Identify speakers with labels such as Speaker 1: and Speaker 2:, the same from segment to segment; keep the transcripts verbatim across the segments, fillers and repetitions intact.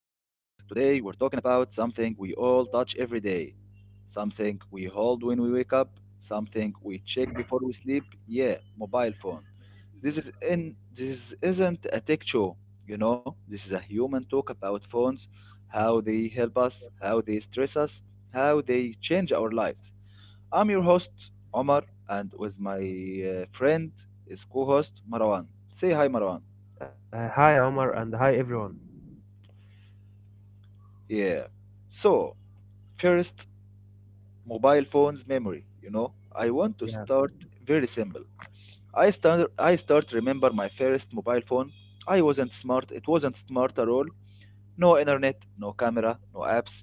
Speaker 1: Today, we're talking about something we all touch every day, something we hold when we wake up, something we check before we sleep. Yeah, mobile phone. This is in this isn't a tech show, you know. This is a human talk about phones, how they help us, how they stress us, how they change our lives. I'm your host, Omar, and with my uh, friend is co-host Marwan. Say hi, Marwan.
Speaker 2: Uh, hi, Omar, and hi, everyone.
Speaker 1: Yeah. So, first, mobile phone's memory. You know, I want to
Speaker 2: Yeah,
Speaker 1: start very simple. I start I start remember my first mobile phone. I wasn't smart. It wasn't smart at all. No internet, no camera, no apps.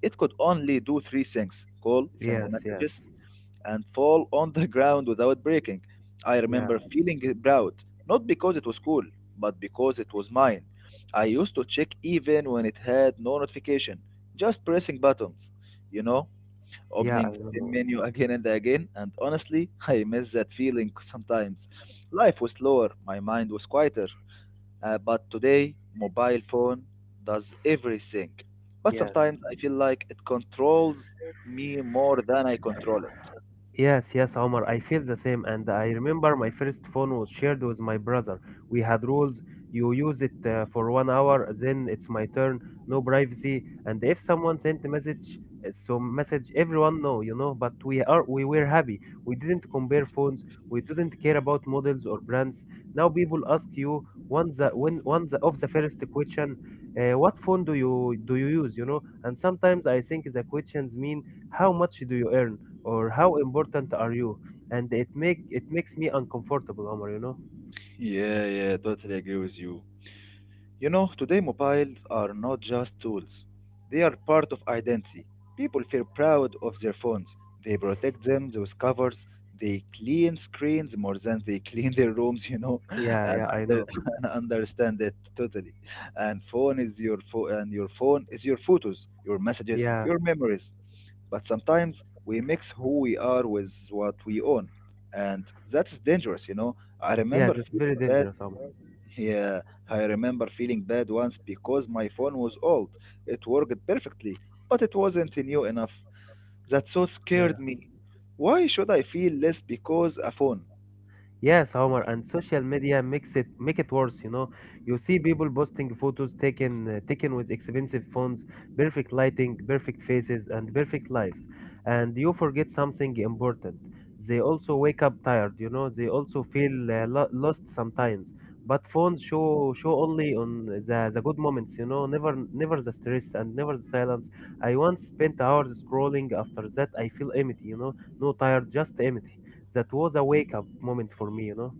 Speaker 1: It could only do three things: call, send
Speaker 2: yes, yes,
Speaker 1: messages, and fall on the ground without breaking. I
Speaker 2: yeah,
Speaker 1: remember feeling proud, not because it was cool, but because it was mine. I used to check even when it had no notification, just pressing buttons, you know,
Speaker 2: yeah,
Speaker 1: opening
Speaker 2: I
Speaker 1: the same
Speaker 2: know.
Speaker 1: menu again and again, and honestly, I miss that feeling sometimes. Life was slower, my mind was quieter, uh, but today, mobile phone does everything. But
Speaker 2: Yes,
Speaker 1: sometimes I feel like it controls me more than I control it.
Speaker 2: yes, yes, Omar, I feel the same. And I remember my first phone was shared with my brother. We had rules. You use it uh, for one hour, then it's my turn. No privacy. And if someone sent a message, uh, so message everyone know, you know. But we are we were happy. We didn't compare phones. We didn't care about models or brands. Now people ask you one the when one the of the first question, uh, what phone do you do you use? You know. And sometimes I think the questions mean how much do you earn or how important are you, and it make it makes me uncomfortable, Omar, you know.
Speaker 1: Yeah, yeah, totally agree with you. You know, today mobiles are not just tools, they are part of identity. People feel proud of their phones. They protect them with covers. They clean screens more than they clean their rooms, you know, and,
Speaker 2: Yeah, yeah,
Speaker 1: I
Speaker 2: I
Speaker 1: under,
Speaker 2: know.
Speaker 1: and I understand it totally. And phone is your phone, and your phone is your photos, your messages,
Speaker 2: Yeah,
Speaker 1: your memories. But sometimes we mix who we are with what we own, and that is dangerous, you know. I
Speaker 2: yeah,
Speaker 1: remember
Speaker 2: that's very
Speaker 1: feeling bad
Speaker 2: dangerous, Omar.
Speaker 1: yeah, I remember feeling bad once because my phone was old. It worked perfectly, but it wasn't new enough. That so
Speaker 2: Yeah.
Speaker 1: scared me. Why should I feel less because a phone?
Speaker 2: Yes, Homer, and social media makes it make it worse, you know. You see people posting photos taken uh, taken with expensive phones, perfect lighting, perfect faces, and perfect lives. And you forget something important. They also wake up tired, you know. They also feel uh, lo lost sometimes. But phones show show only on the the good moments, you know. Never never the stress and never the silence. I once spent hours scrolling. After that, I feel empty, you know. No tired, just empty. That was a wake up moment for me, you know?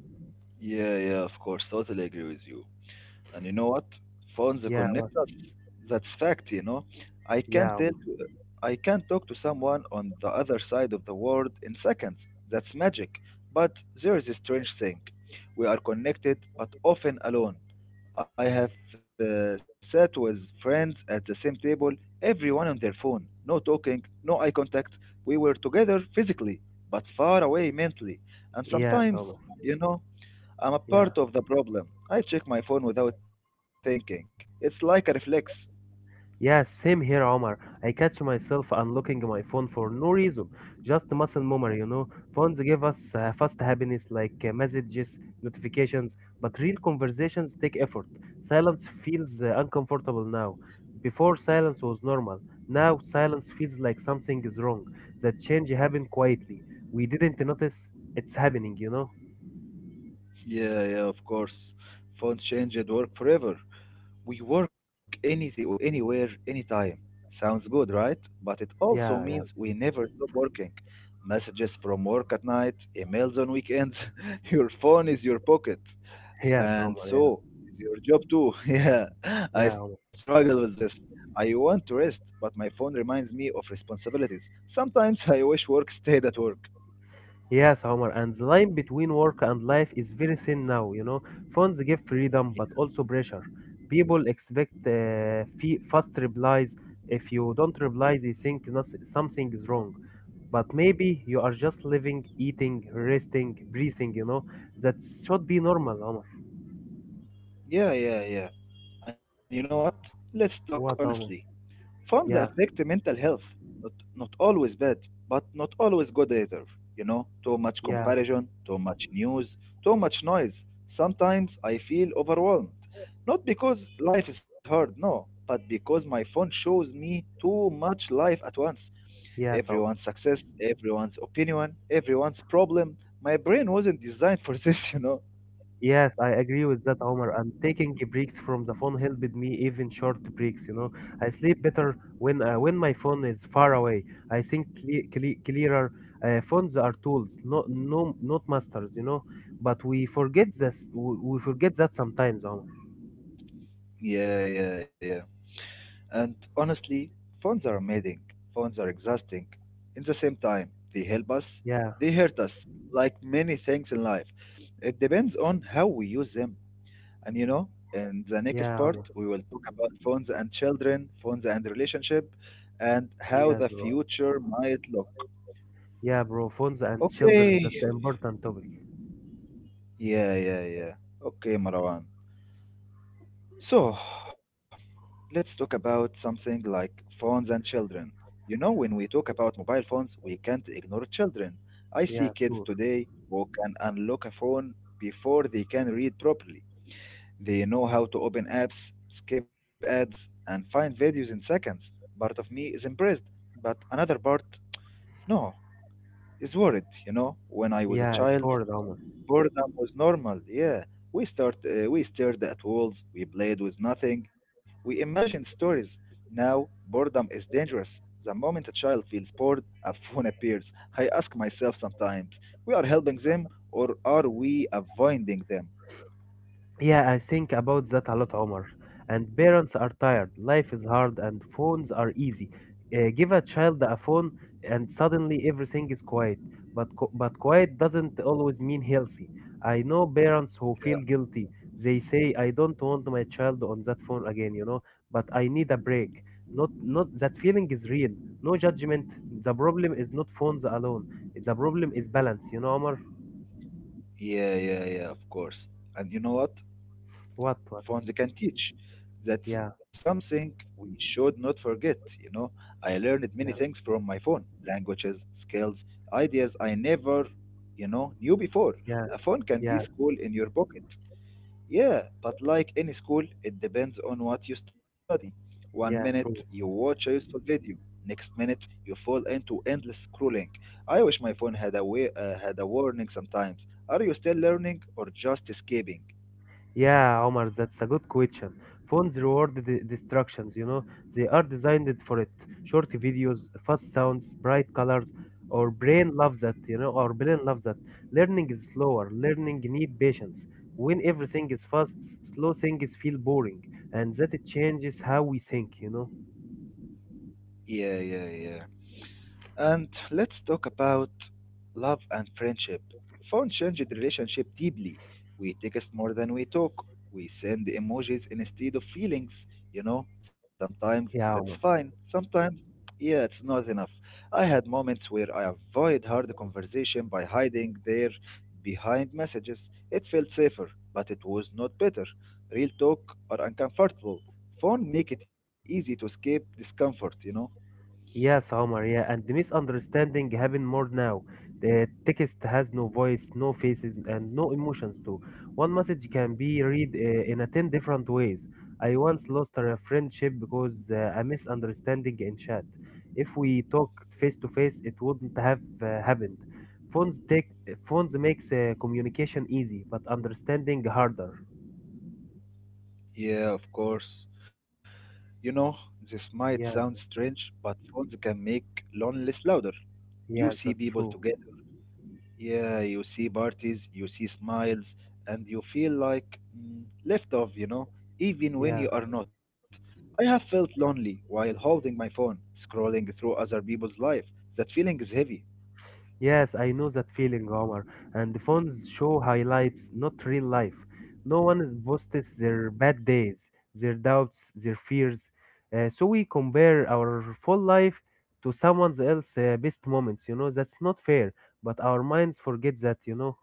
Speaker 1: Yeah, yeah, of course, totally agree with you. And you know what? Phones
Speaker 2: Yeah,
Speaker 1: connect us. That's fact, you know. I can
Speaker 2: yeah,
Speaker 1: tell
Speaker 2: Omar.
Speaker 1: I can talk to someone on the other side of the world in seconds. That's magic. But there is a strange thing. We are connected but often alone. I have uh, sat with friends at the same table, everyone on their phone. No talking, no eye contact. We were together physically, but far away mentally. And
Speaker 2: Yes,
Speaker 1: sometimes,
Speaker 2: Omar.
Speaker 1: you know, I'm a
Speaker 2: Yeah,
Speaker 1: part of the problem. I check my phone without thinking. It's like a reflex.
Speaker 2: yeah, same here, Omar. I catch myself unlocking my phone for no reason, just muscle memory, you know? Phones give us uh, fast happiness like uh, messages, notifications, but real conversations take effort. Silence feels uh, uncomfortable now. Before, silence was normal. Now, silence feels like something is wrong. That change happened quietly. We didn't notice it's happening, you know?
Speaker 1: Yeah, yeah, of course. Phones changed work forever. We work anything, anywhere, anytime. Sounds good, right? But it also
Speaker 2: Yeah,
Speaker 1: means
Speaker 2: yeah.
Speaker 1: we never stop working. Messages from work at night, emails on weekends. Your phone is your pocket. S-
Speaker 2: Yes,
Speaker 1: And
Speaker 2: Omar, yeah.
Speaker 1: so is your job too. Yeah, I
Speaker 2: Yeah, Omar.
Speaker 1: struggle with this. I want to rest, but my phone reminds me of responsibilities. Sometimes I wish work stayed at work.
Speaker 2: Yes, Omar. And the line between work and life is very thin now. You know, phones give freedom, but also pressure. People expect uh, fe- fast replies. If you don't reply, they think nos- something is wrong. But maybe you are just living, eating, resting, breathing. You know, that should be normal, Omar.
Speaker 1: Yeah, yeah, yeah. And you know what? Let's talk
Speaker 2: What,
Speaker 1: honestly.
Speaker 2: Omar?
Speaker 1: Farms affect
Speaker 2: Yeah,
Speaker 1: mental health. Not Not always bad, but not always good either. You know, too much
Speaker 2: yeah,
Speaker 1: comparison, too much news, too much noise. Sometimes I feel overwhelmed. Not because life is hard, no, but because my phone shows me too much life at once.
Speaker 2: yes, Omar.
Speaker 1: Everyone's success, everyone's opinion, everyone's problem. My brain wasn't designed for this, you know.
Speaker 2: Yes, I agree with that, Omar. And taking breaks from the phone helped me, even short breaks. You know, I sleep better when uh, when my phone is far away. I think cle cle clearer. Uh, phones are tools, not no not masters. You know, but we forget this. We, we forget that sometimes, Omar.
Speaker 1: Yeah, yeah, yeah. And honestly, phones are amazing. Phones are exhausting. In the same time, they help us,
Speaker 2: Yeah,
Speaker 1: they hurt us, like many things in life. It depends on how we use them. And you know, in the next
Speaker 2: yeah,
Speaker 1: part,
Speaker 2: Omar.
Speaker 1: we will talk about phones and children, phones and relationship, and how
Speaker 2: Yes,
Speaker 1: the
Speaker 2: bro.
Speaker 1: future might look.
Speaker 2: Yeah, bro. Phones and children. That's
Speaker 1: Okay.
Speaker 2: an important topic.
Speaker 1: Yeah, yeah, yeah. Okay, Marwan. So, let's talk about something like phones and children. You know, when we talk about mobile phones, we can't ignore children. I see
Speaker 2: Yeah,
Speaker 1: kids
Speaker 2: sure.
Speaker 1: today who can unlock a phone before they can read properly. They know how to open apps, skip ads, and find videos in seconds. Part of me is impressed, but another part, no, is worried. You know, when I was a
Speaker 2: Yeah, it's
Speaker 1: child,
Speaker 2: hard, Omar.
Speaker 1: boredom was normal, yeah. We start, uh, we stared at walls, we played with nothing, we imagined stories. Now, boredom is dangerous. The moment a child feels bored, a phone appears. I ask myself sometimes, we are helping them or are we avoiding them?
Speaker 2: Yeah, I think about that a lot, Omar. And parents are tired, life is hard, and phones are easy. Uh, give a child a phone, and suddenly everything is quiet. But qu- but quiet doesn't always mean healthy. I know parents who feel guilty. They say, "I don't want my child on that phone again," you know. But I need a break. Not not That feeling is real. No judgment. The problem is not phones alone. The problem is balance. You know, Omar.
Speaker 1: Yeah, yeah, yeah, of course. And you know what?
Speaker 2: What, what?
Speaker 1: Phones can teach. That's
Speaker 2: Yeah,
Speaker 1: something we should not forget, you know. I learned many
Speaker 2: yeah,
Speaker 1: things from my phone languages, skills, ideas I never, you know, knew before.
Speaker 2: yeah,
Speaker 1: A phone can be
Speaker 2: yeah,
Speaker 1: school in your pocket. Yeah, but like any school, it depends on what you study. One minute
Speaker 2: yeah.
Speaker 1: you
Speaker 2: True.
Speaker 1: watch a useful video, next minute you fall into endless scrolling. I wish my phone had a way, uh, had a warning sometimes. Are you still learning or just escaping?
Speaker 2: Yeah, Omar, that's a good question. Phones reward the distractions, you know, they are designed for it. Short videos, fast sounds, bright colors. Our brain loves that, you know, our brain loves that. Learning is slower, learning need patience. When everything is fast, slow things feel boring, and that it changes how we think, you know.
Speaker 1: Yeah, yeah, yeah. And let's talk about love and friendship. Phone changed relationship deeply. We text more than we talk. We send emojis instead of feelings. You know, sometimes that's
Speaker 2: Yeah, Omar.
Speaker 1: fine. Sometimes, yeah, it's not enough. I had moments where I avoid hard conversation by hiding there behind messages. It felt safer, but it was not better. Real talk are uncomfortable. Phone make it easy to escape discomfort, you know?
Speaker 2: Yes, Omar, yeah, and the misunderstanding happen more now. The text has no voice, no faces, and no emotions too. One message can be read uh, in a ten different ways. I once lost a friendship because uh, a misunderstanding in chat. If we talked face to face, it wouldn't have uh, happened. Phones take eh, phones makes uh, communication easy, but understanding harder.
Speaker 1: Yeah, of course. You know, this might sound
Speaker 2: Yeah,
Speaker 1: strange, but phones can make loneliness louder. You
Speaker 2: yes,
Speaker 1: see
Speaker 2: that's
Speaker 1: people
Speaker 2: true.
Speaker 1: together. Yeah, you see parties, you see smiles, and you feel like mm, left off, you know, even when
Speaker 2: Yeah.
Speaker 1: you are not. I have felt lonely while holding my phone, scrolling through other people's life. That feeling is heavy.
Speaker 2: Yes, I know that feeling, Omar. And the phones show highlights, not real life. No one is- posts their bad days, their doubts, their fears. Uh, so we compare our full life to someone else's uh, best moments. You know, that's not fair. But our minds forget that, you know.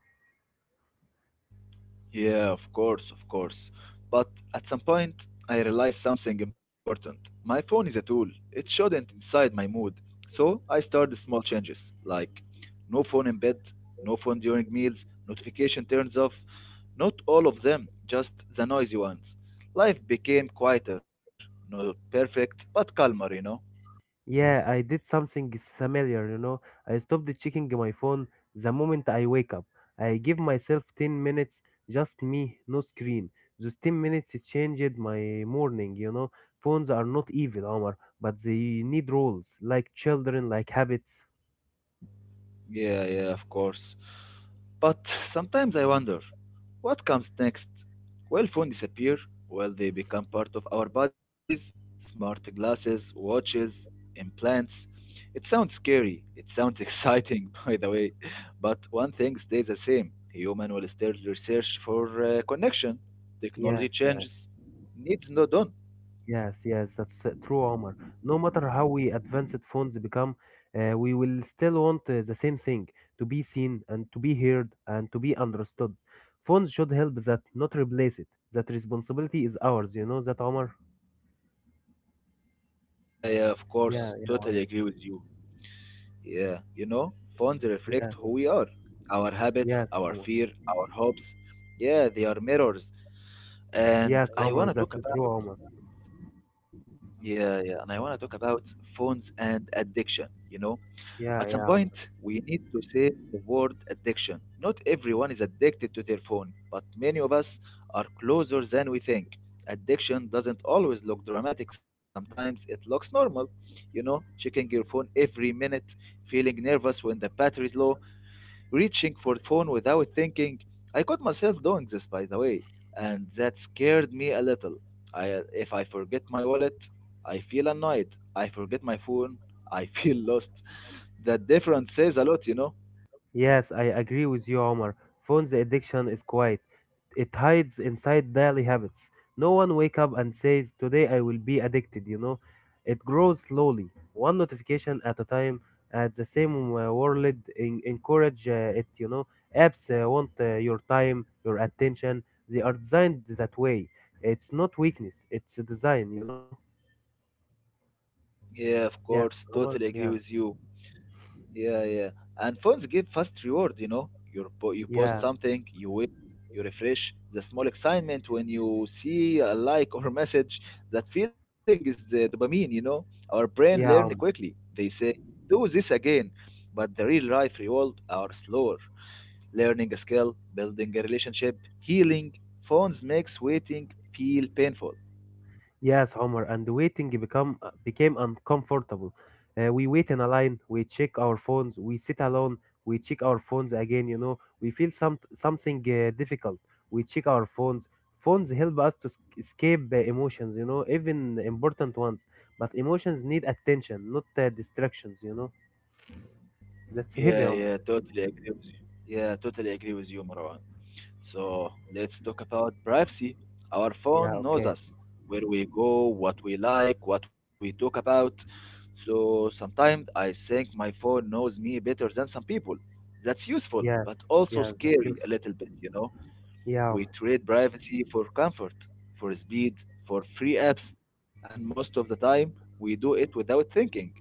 Speaker 1: Yeah, of course, of course. But at some point, I realized something important. My phone is a tool, it shouldn't decide my mood. So I started small changes like no phone in bed, no phone during meals, notification turns off. Not all of them, just the noisy ones. Life became quieter, not perfect, but calmer, you know?
Speaker 2: Yeah, I did something is familiar, you know. I stopped checking my phone the moment I wake up. I give myself ten minutes, just me, no screen. Those ten minutes it changed my morning, you know. Phones are not evil, Omar, but they need rules, like children, like habits.
Speaker 1: Yeah, yeah, of course. But sometimes I wonder, what comes next? Will phones disappear? Will they become part of our bodies? Smart glasses, watches, implants. It sounds scary. It sounds exciting, by the way. But one thing stays the same. Human will still research for uh, connection.
Speaker 2: Yes,
Speaker 1: Technology
Speaker 2: yes.
Speaker 1: changes. Needs no done.
Speaker 2: Yes, yes, that's uh, true, Omar. No matter how we advanced phones become, uh, we will still want uh, the same thing, to be seen and to be heard and to be understood. Phones should help that, not replace it. That responsibility is ours, you know that, Omar?
Speaker 1: Yeah, yeah, of
Speaker 2: Yeah,
Speaker 1: course.
Speaker 2: yeah,
Speaker 1: Totally
Speaker 2: Omar.
Speaker 1: agree with you. Yeah, you know, phones reflect
Speaker 2: Yeah,
Speaker 1: who we are, our habits,
Speaker 2: yes,
Speaker 1: our
Speaker 2: Omar.
Speaker 1: fear, our hopes. Yeah, they are mirrors. And
Speaker 2: Yes,
Speaker 1: I
Speaker 2: Omar,
Speaker 1: want to talk
Speaker 2: that's
Speaker 1: about,
Speaker 2: true, Omar.
Speaker 1: yeah, yeah, and I want to talk about phones and addiction. You know, at some
Speaker 2: Yeah, yeah,
Speaker 1: point,
Speaker 2: Omar.
Speaker 1: we need to say the word addiction. Not everyone is addicted to their phone, but many of us are closer than we think. Addiction doesn't always look dramatic, sometimes it looks normal. You know, checking your phone every minute, feeling nervous when the battery is low reaching for the phone without thinking. I caught myself doing this, by the way, and that scared me a little. I, if I forget my wallet, I feel annoyed. I forget my phone, I feel lost. That difference says a lot, you know?
Speaker 2: Yes, I agree with you, Omar. Phones addiction is quiet. It hides inside daily habits. No one wake up and says, "Today I will be addicted," you know. It grows slowly, one notification at a time. At the same uh, world, en- encourage uh, it, you know. Apps uh, want uh, your time, your attention. They are designed that way. It's not weakness, it's a design, you know.
Speaker 1: Yeah, of
Speaker 2: Yeah,
Speaker 1: course,
Speaker 2: Omar.
Speaker 1: totally agree
Speaker 2: Yeah,
Speaker 1: with you. Yeah, yeah. And phones give fast reward, you know. You po you post
Speaker 2: yeah,
Speaker 1: something, you wait, you refresh. The small excitement when you see a like or message, that feeling is the dopamine, you know. Our brain
Speaker 2: yeah.
Speaker 1: learn quickly. They say, do this again. But the real life reward are slower. Learning a skill, building a relationship, healing. Phones makes waiting feel painful.
Speaker 2: Yes, Homer, and waiting become uh, became uncomfortable. Uh, we wait in a line, we check our phones, we sit alone, we check our phones again, you know, we feel some something uh, difficult. We check our phones. Phones help us to sc- escape uh, emotions, you know, even important ones. But emotions need attention, not uh, distractions, you know. That's heavy,
Speaker 1: Yeah, yeah,
Speaker 2: Homer.
Speaker 1: totally agree with you. Yeah, totally agree with you, Marwan. So let's talk about privacy. Our
Speaker 2: Yeah,
Speaker 1: phone knows
Speaker 2: okay.
Speaker 1: us, where we go, what we like, what we talk about. So sometimes I think my phone knows me better than some people. That's useful, but
Speaker 2: Yes,
Speaker 1: also
Speaker 2: yes, that's
Speaker 1: scary a
Speaker 2: useful.
Speaker 1: little bit, you know.
Speaker 2: Yeah.
Speaker 1: We trade privacy for comfort, for speed, for free apps, and most of the time we do it without thinking.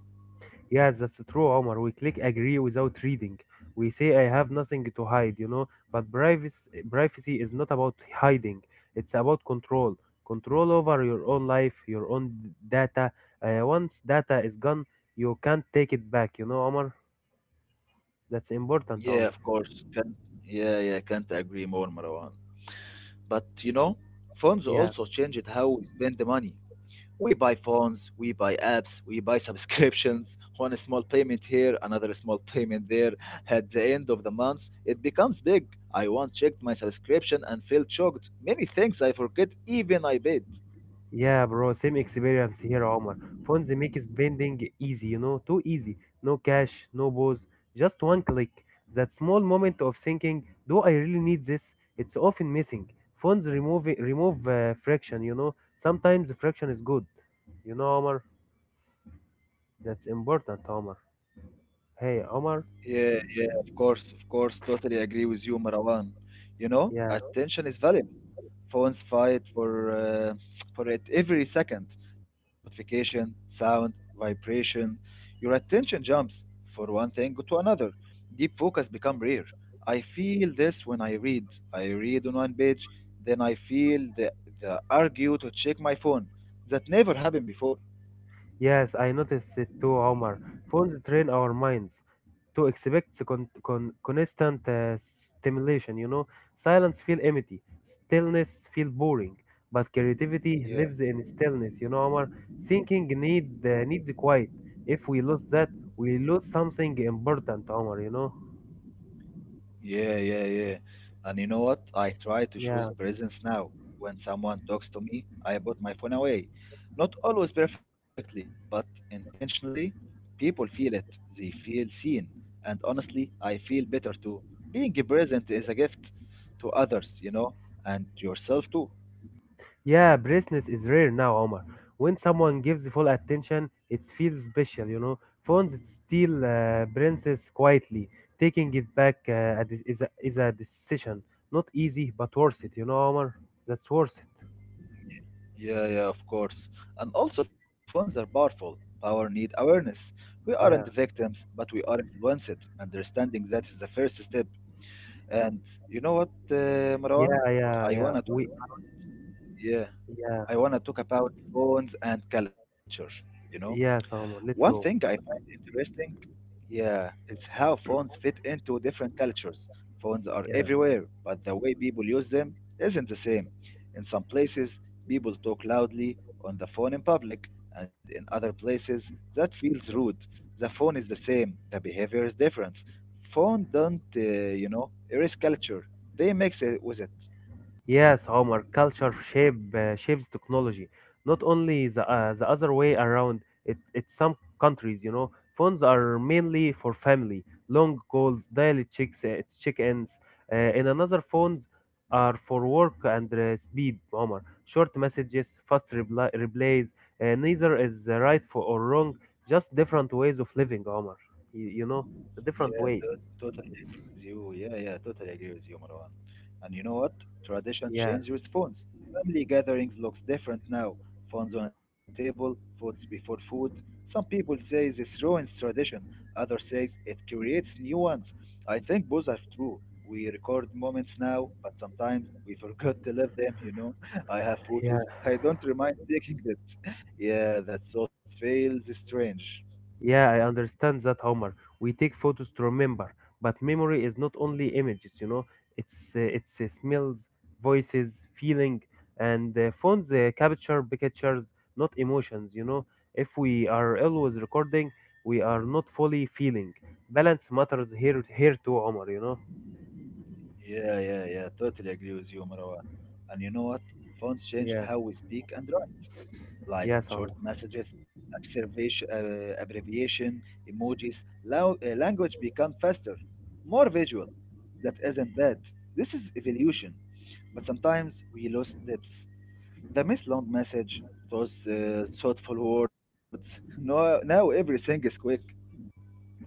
Speaker 2: Yes, that's true, Omar. We click agree without reading. We say I have nothing to hide, you know, but privacy privacy is not about hiding. It's about control. Control over your own life, your own data. Uh, once data is gone, you can't take it back, you know, Omar. That's important,
Speaker 1: Yeah,
Speaker 2: Omar.
Speaker 1: of course. Can't, yeah, yeah, can't agree more, Marwan. But you know, phones
Speaker 2: Yeah.
Speaker 1: also changed how we spend the money. We buy phones, we buy apps, we buy subscriptions, one small payment here, another small payment there. At the end of the month, it becomes big. I once checked my subscription and felt shocked. Many things I forget even I paid.
Speaker 2: Yeah, bro, same experience here, Omar. Phones make spending easy, you know, too easy. No cash, no pause, just one click. That small moment of thinking, do I really need this? It's often missing. Phones remove remove uh, friction, you know. Sometimes friction is good. You know, Omar, that's important, Omar. Hey, Omar,
Speaker 1: Yeah, yeah, of course, of course. Totally agree with you, Marwan. You know,
Speaker 2: yeah.
Speaker 1: attention is valuable. Phones fight for uh, for it every second. Notification, sound, vibration. Your attention jumps for one thing to another. Deep focus become rare. I feel this when I read. I read on one page, then I feel the the argue to check my phone. That never happened before.
Speaker 2: Yes, I noticed it too, Omar. Phones train our minds to expect the con- con- constant uh, stimulation, you know. Silence feel empty, stillness feel boring, but creativity
Speaker 1: Yeah.
Speaker 2: lives in stillness, you know, Omar. Thinking need uh, needs quiet. If we lose that, we lose something important, Omar, you know.
Speaker 1: Yeah, yeah, yeah. And you know what? I try to
Speaker 2: Yeah.
Speaker 1: choose presence now. When someone talks to me, I put my phone away. Not always perfectly, but intentionally, people feel it. They feel seen. And honestly, I feel better too. Being present is a gift to others, you know, and to yourself too.
Speaker 2: Yeah, braceless is rare now, Omar. When someone gives full attention, it feels special, you know. Phones steal uh, princess quietly. Taking it back uh, a de- is, a, is a decision. Not easy, but worth it, you know, Omar. That's worth it.
Speaker 1: Yeah, yeah, of course. And also, phones are powerful. Power need awareness. We
Speaker 2: Yeah,
Speaker 1: aren't victims, but we are influenced. Understanding that is the first step. And you know what, uh, Marwan?
Speaker 2: yeah, yeah,
Speaker 1: I
Speaker 2: yeah.
Speaker 1: wanna talk.
Speaker 2: We,
Speaker 1: Yeah,
Speaker 2: yeah,
Speaker 1: I wanna talk about phones and culture. You know.
Speaker 2: yes,
Speaker 1: One
Speaker 2: Omar. Let's
Speaker 1: thing I
Speaker 2: go.
Speaker 1: find interesting, yeah, is how phones fit into different cultures. Phones are
Speaker 2: Yeah.
Speaker 1: everywhere, but the way people use them isn't the same. In some places, people talk loudly on the phone in public, and in other places, that feels rude. The phone is the same, the behavior is different. Phone don't, uh, you know, erase culture. They mix it with it.
Speaker 2: Yes, Omar, culture shape uh, shapes technology. Not only the uh, the other way around. It it's some countries, you know, phones are mainly for family, long calls, daily checks, uh, check-ins. Uh, in another, phones are for work and uh, speed, Omar. Short messages, fast repli replies. Uh, neither is uh, right for or wrong. Just different ways of living, Omar. You, you know, different
Speaker 1: Yeah,
Speaker 2: ways.
Speaker 1: to- totally agree with you. Yeah, yeah, totally agree with you, Marwan. And you know what? Tradition
Speaker 2: Yeah,
Speaker 1: changes with phones. Family gatherings looks different now. Phones on a table, foods before food. Some people say this ruins tradition. Others say it creates new ones. I think both are true. We record moments now, but sometimes we forgot to live them, you know. I have
Speaker 2: yeah.
Speaker 1: photos. I don't remind taking it. Yeah, that thought feels strange.
Speaker 2: Yeah, I understand that, Homer. We take photos to remember, but memory is not only images, you know. It's uh, it's uh, smells, voices, feeling, and uh, phones uh, capture pictures, not emotions, you know. If we are always recording, we are not fully feeling. Balance matters here here too, Homer, you know.
Speaker 1: Yeah, yeah, yeah. Totally agree with you, Marwan. And you know what? Phones changed
Speaker 2: Yeah.
Speaker 1: how we speak and write, like
Speaker 2: Yes, Homer.
Speaker 1: short messages, observation, uh, abbreviation, emojis. Lao uh, Language become faster, more visual. That isn't bad. This is evolution. But sometimes we lose depth. The miss long message, those uh, thoughtful words. No, now everything is quick.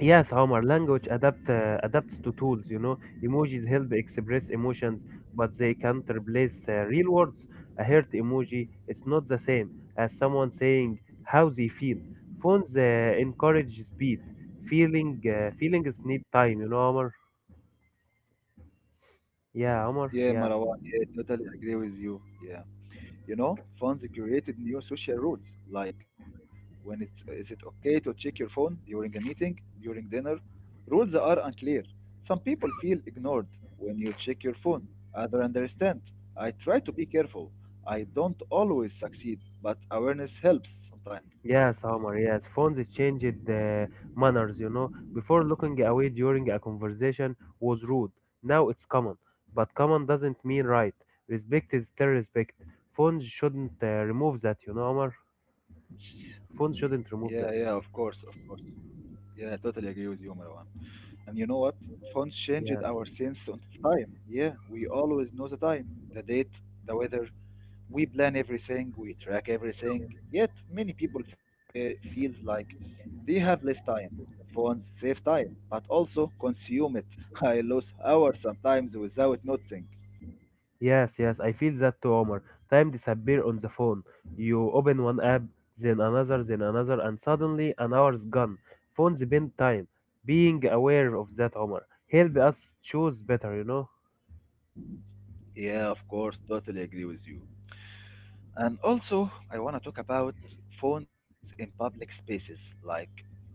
Speaker 2: Yes, Homer, language adapt uh, adapts to tools, you know. Emojis help express emotions, but they can't replace uh, real words. A heart emoji is not the same as someone saying how they feel. Phones uh, encourage speed. Feeling uh, feelings need time, you know, Homer. Yeah, Homer.
Speaker 1: Yeah,
Speaker 2: Yeah.
Speaker 1: Marwan. Yeah, totally agree with you. Yeah. You know, funds created new social rules, like when it's is it okay to check your phone during a meeting, during dinner? Rules are unclear. Some people feel ignored when you check your phone. Others understand. I try to be careful. I don't always succeed, but awareness helps sometimes.
Speaker 2: Yes, Omar, yes. Phones changed the manners, you know. Before looking away during a conversation was rude. Now it's common. But common doesn't mean right. Respect is still respect. Phones shouldn't uh, remove that, you know, Omar. Phones
Speaker 1: Yeah,
Speaker 2: shouldn't
Speaker 1: yeah,
Speaker 2: remove
Speaker 1: of
Speaker 2: that.
Speaker 1: course, of course. Yeah, I totally agree with you, Marwan. And you know what? Phones changed
Speaker 2: Yeah.
Speaker 1: our sense of time. Yeah, we always know the time, the date, the weather. We plan everything, we track everything. Yet many people fe- feels like they have less time. Phones save time, but also consume it. I lose hours sometimes without noticing.
Speaker 2: Yes, yes, I feel that too, Omar. Time disappear on the phone. You open one app, then another, then another, and suddenly an hour's gone. Phones bend time. Being aware of that, Omar, help us choose better, you know?
Speaker 1: Yeah, of course, totally agree with you. And also, I want to talk about phones in public spaces, like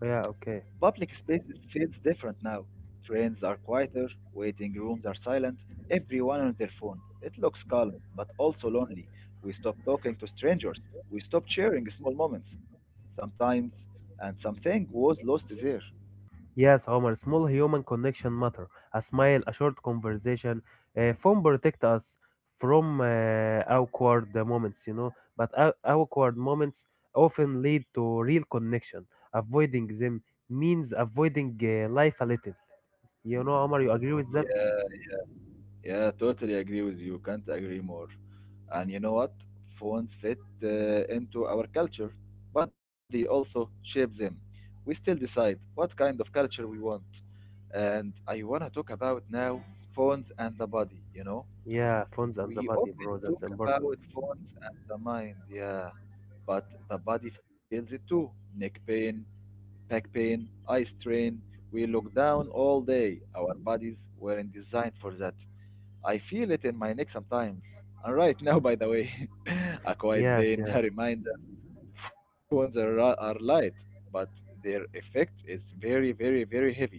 Speaker 2: Yeah, okay.
Speaker 1: public spaces feels different now. Trains are quieter, waiting rooms are silent, everyone on their phone. It looks calm, but also lonely. We stop talking to strangers. We stop sharing small moments sometimes, and something was lost there.
Speaker 2: Yes, Homer, small human connection matter. A smile, a short conversation. Uh, phone protect us from uh, awkward moments, you know. But aw- awkward moments often lead to real connection. Avoiding them means avoiding uh, life a little. You know, Homer, you agree with that?
Speaker 1: Yeah, yeah, totally agree with you. Can't agree more. And you know what? Phones fit uh, into our culture, but they also shape them. We still decide what kind of culture we want. And I want to talk about now phones and the body, you know.
Speaker 2: Yeah, phones and the
Speaker 1: We
Speaker 2: body,
Speaker 1: often
Speaker 2: bro.
Speaker 1: talk
Speaker 2: That's important.
Speaker 1: about phones and the mind, yeah, but the body feels it too. Neck pain, back pain, eye strain. We look down all day. Our bodies weren't designed for that. I feel it in my neck sometimes. And right now, by the way, a quiet
Speaker 2: Yes,
Speaker 1: pain,
Speaker 2: yes.
Speaker 1: a reminder. Phones are, are light, but their effect is very, very, very heavy.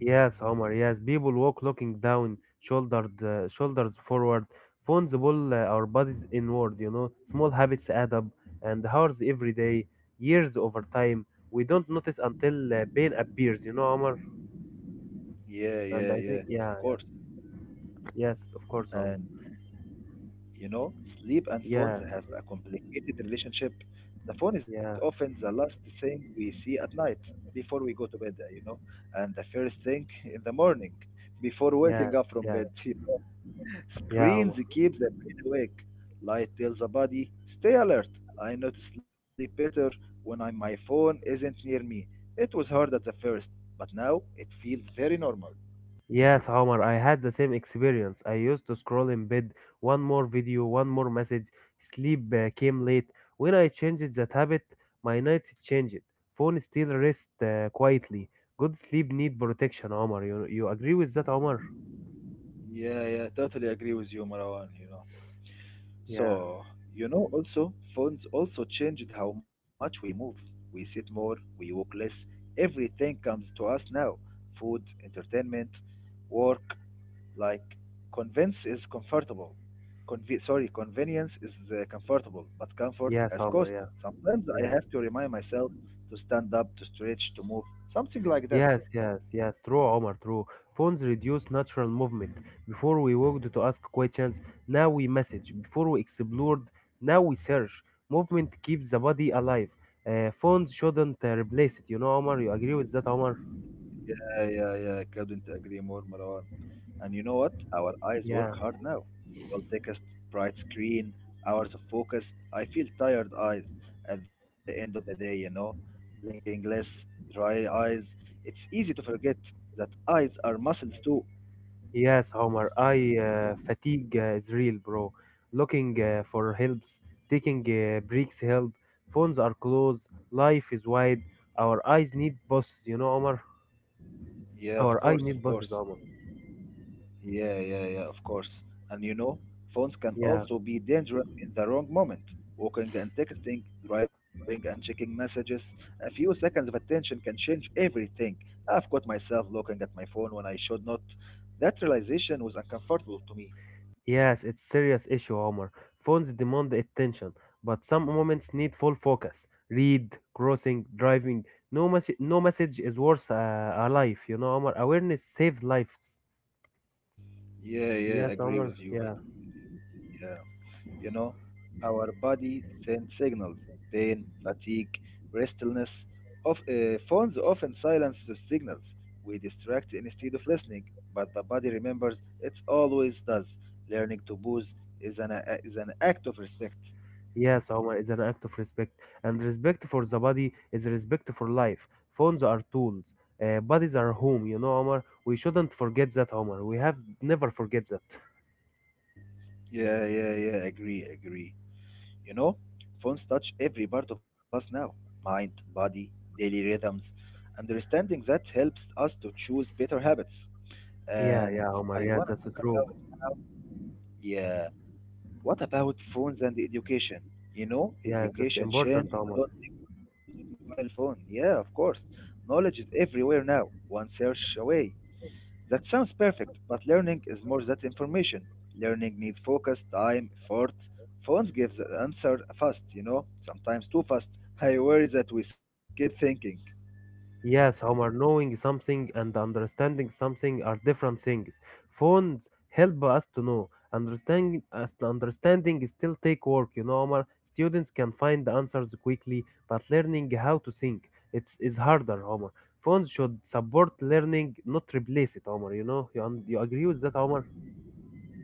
Speaker 2: Yes, Omar. Yes, people walk looking down, shouldered, uh, shoulders forward. Phones pull uh, our bodies inward. You know, small habits add up, and hours every day, years over time. We don't notice until uh, pain appears. You know, Omar.
Speaker 1: Yeah,
Speaker 2: And
Speaker 1: yeah,
Speaker 2: I
Speaker 1: yeah,
Speaker 2: think, yeah,
Speaker 1: of
Speaker 2: yeah.
Speaker 1: course.
Speaker 2: Yes, of course, Omar.
Speaker 1: And you know, sleep and
Speaker 2: Yeah,
Speaker 1: phones have a complicated relationship. The phone is
Speaker 2: yeah,
Speaker 1: often the last thing we see at night before we go to bed, you know, and the first thing in the morning before
Speaker 2: yes,
Speaker 1: waking up from
Speaker 2: yes,
Speaker 1: bed, you know.
Speaker 2: yeah, Omar.
Speaker 1: Screens keep the brain awake. Light tells the body, stay alert. I know to sleep better when I, my phone isn't near me. It was hard at the first, but now it feels very normal.
Speaker 2: Yes, Omar, I had the same experience. I used to scroll in bed, one more video, one more message. Sleep uh, came late. When I changed that habit, my nights changed. Phone still rest uh, quietly. Good sleep need protection, Omar. You you agree with that, Omar?
Speaker 1: Yeah, yeah, totally agree with you, Marwan, you know.
Speaker 2: Yeah.
Speaker 1: So, you know, also, phones also changed how much we move. We sit more, we walk less. Everything comes to us now food, entertainment, work. Like, convenience is comfortable. Conve- sorry, convenience is uh, comfortable, but comfort
Speaker 2: Yes,
Speaker 1: has
Speaker 2: Omar.
Speaker 1: cost.
Speaker 2: Yeah,
Speaker 1: Sometimes I
Speaker 2: yeah.
Speaker 1: have to remind myself to stand up, to stretch, to move, something like that.
Speaker 2: Yes, yes, yes. True, Omar. True. Phones reduce natural movement. Before we walked to ask questions, now we message. Before we explored, now we search. Movement keeps the body alive. Uh, phones shouldn't uh, replace it. You know, Omar. You agree with that, Omar?
Speaker 1: Yeah, yeah, yeah. I couldn't agree more, Marwan. And you know what? Our eyes work
Speaker 2: Yeah.
Speaker 1: hard now. Small text, bright screen, hours of focus. I feel tired eyes at the end of the day, you know? Blinking less, dry eyes. It's easy to forget that eyes are muscles too.
Speaker 2: Yes, Omar. I uh, Fatigue uh, is real, bro. Looking uh, for helps, taking uh, breaks help. Phones are closed. Life is wide. Our eyes need bosses. You know, Omar.
Speaker 1: Yeah, of
Speaker 2: Our eyes
Speaker 1: course,
Speaker 2: need
Speaker 1: of
Speaker 2: bosses,
Speaker 1: course.
Speaker 2: Omar.
Speaker 1: Yeah, yeah, yeah, of course. And you know, phones can
Speaker 2: Yeah.
Speaker 1: also be dangerous in the wrong moment. Walking and texting, driving and checking messages, a few seconds of attention can change everything. I've caught myself looking at my phone when I should not. That realization was uncomfortable to me.
Speaker 2: Yes, it's serious issue, Omar. Phones demand attention, but some moments need full focus. Read, crossing, driving. No message, no message is worth uh, a life, you know, Omar. Awareness saves lives.
Speaker 1: Yeah, yeah,
Speaker 2: Yes,
Speaker 1: agree
Speaker 2: Omar.
Speaker 1: with you.
Speaker 2: Yeah.
Speaker 1: Agree with you. Yeah. You know, our body sends signals, pain, fatigue, restlessness. Of, uh, phones often silence those signals. We distract instead of listening, but the body remembers it always does. Learning to pause is an, a- is an act of respect.
Speaker 2: Yes, Omar is an act of respect, and respect for the body is respect for life. Phones are tools. Uh, bodies are home, you know, Omar. We shouldn't forget that, Omar. We have never forget that.
Speaker 1: Yeah, yeah, yeah, agree, agree. You know, phones touch every part of us now mind, body, daily rhythms. Understanding that helps us to choose better habits.
Speaker 2: Yeah,
Speaker 1: And
Speaker 2: yeah, Omar.
Speaker 1: I
Speaker 2: Yes,
Speaker 1: want
Speaker 2: that's
Speaker 1: to talk
Speaker 2: true.
Speaker 1: about now. Yeah. What about phones and education? You know,
Speaker 2: Yes, that's
Speaker 1: education
Speaker 2: important,
Speaker 1: changed a
Speaker 2: Omar.
Speaker 1: lot because of mobile phone. Yeah, of course. Knowledge is everywhere now, one search away. That sounds perfect, but learning is more than information. Learning needs focus, time, effort. Phones give the answer fast, you know, sometimes too fast. I worry that we skip thinking.
Speaker 2: Yes, Omar, knowing something and understanding something are different things. Phones help us to know. Understanding, as understanding is still take work, you know, Omar. Students can find the answers quickly, but learning how to think it's is harder, Omar. Phones should support learning, not replace it, Omar. You know, you, un- you agree with that, Omar?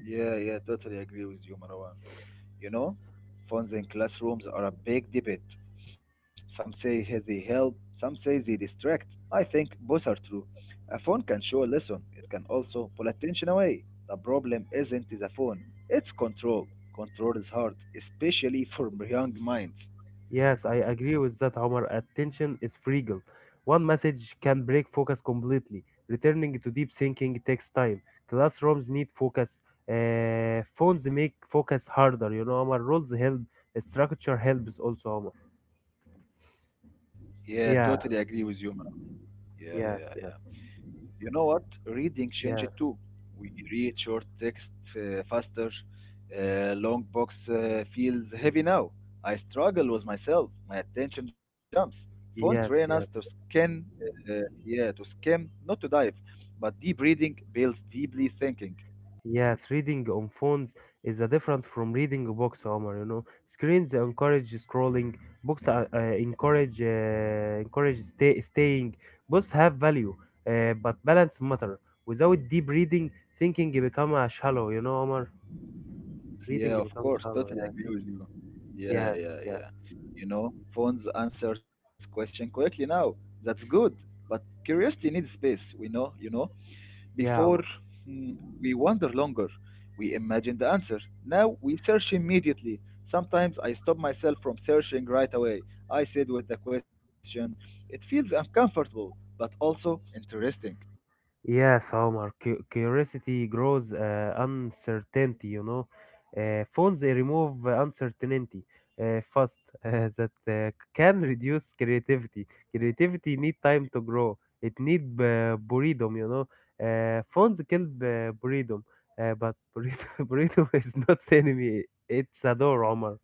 Speaker 1: Yeah, yeah, totally agree with you, Marwan. You know, phones in classrooms are a big debate. Some say he- they help, some say they distract. I think both are true. A phone can show a lesson, it can also pull attention away. The problem isn't the phone, it's control. Control is hard, especially for young minds.
Speaker 2: Yes, I agree with that, Omar. Attention is fragile. One message can break focus completely. Returning to deep thinking takes time. Classrooms need focus. Uh, phones make focus harder. You know, Omar. Rules help. Structure helps also, Omar.
Speaker 1: Yeah,
Speaker 2: Yeah,
Speaker 1: totally agree with you, Marwan. Yeah,
Speaker 2: yes,
Speaker 1: yeah,
Speaker 2: yes,
Speaker 1: yeah. You know what? Reading changed
Speaker 2: yes,
Speaker 1: too. We read short text uh, faster. Uh, long box uh, feels heavy now. I struggle with myself. My attention jumps. Phone train us
Speaker 2: yes,
Speaker 1: to
Speaker 2: yes.
Speaker 1: skim, uh, uh, yeah, to skim, not to dive. But deep reading builds deeply thinking.
Speaker 2: Yes, reading on phones is a different from reading books, Omar. You know, screens encourage scrolling, books uh, uh, encourage uh, encourage stay, staying. Both have value, uh, but balance matter. Without deep reading, thinking become a shallow. You know, Omar, reading
Speaker 1: Yeah, of
Speaker 2: become
Speaker 1: course,
Speaker 2: shallow.
Speaker 1: totally
Speaker 2: Yeah,
Speaker 1: agree with
Speaker 2: thinking.
Speaker 1: you. Yeah,
Speaker 2: Yes,
Speaker 1: yeah,
Speaker 2: yeah,
Speaker 1: yeah. You know, phones answers question quickly now. That's good, but curiosity needs space. We know, you know.
Speaker 2: yeah,
Speaker 1: Before
Speaker 2: Omar.
Speaker 1: mm, we wonder longer, we imagine the answer. Now we search immediately. Sometimes I stop myself from searching right away. I sit with the question. It feels uncomfortable, but also interesting.
Speaker 2: Yes, Omar. Cu- curiosity grows uh, uncertainty. You know, uh, phones they remove uh, uncertainty uh, fast. Uh, that uh, can reduce creativity. Creativity need time to grow. It need uh, boredom. You know, uh, phones kill uh, boredom, uh, but boredom, boredom is not enemy. It's a door, Omar.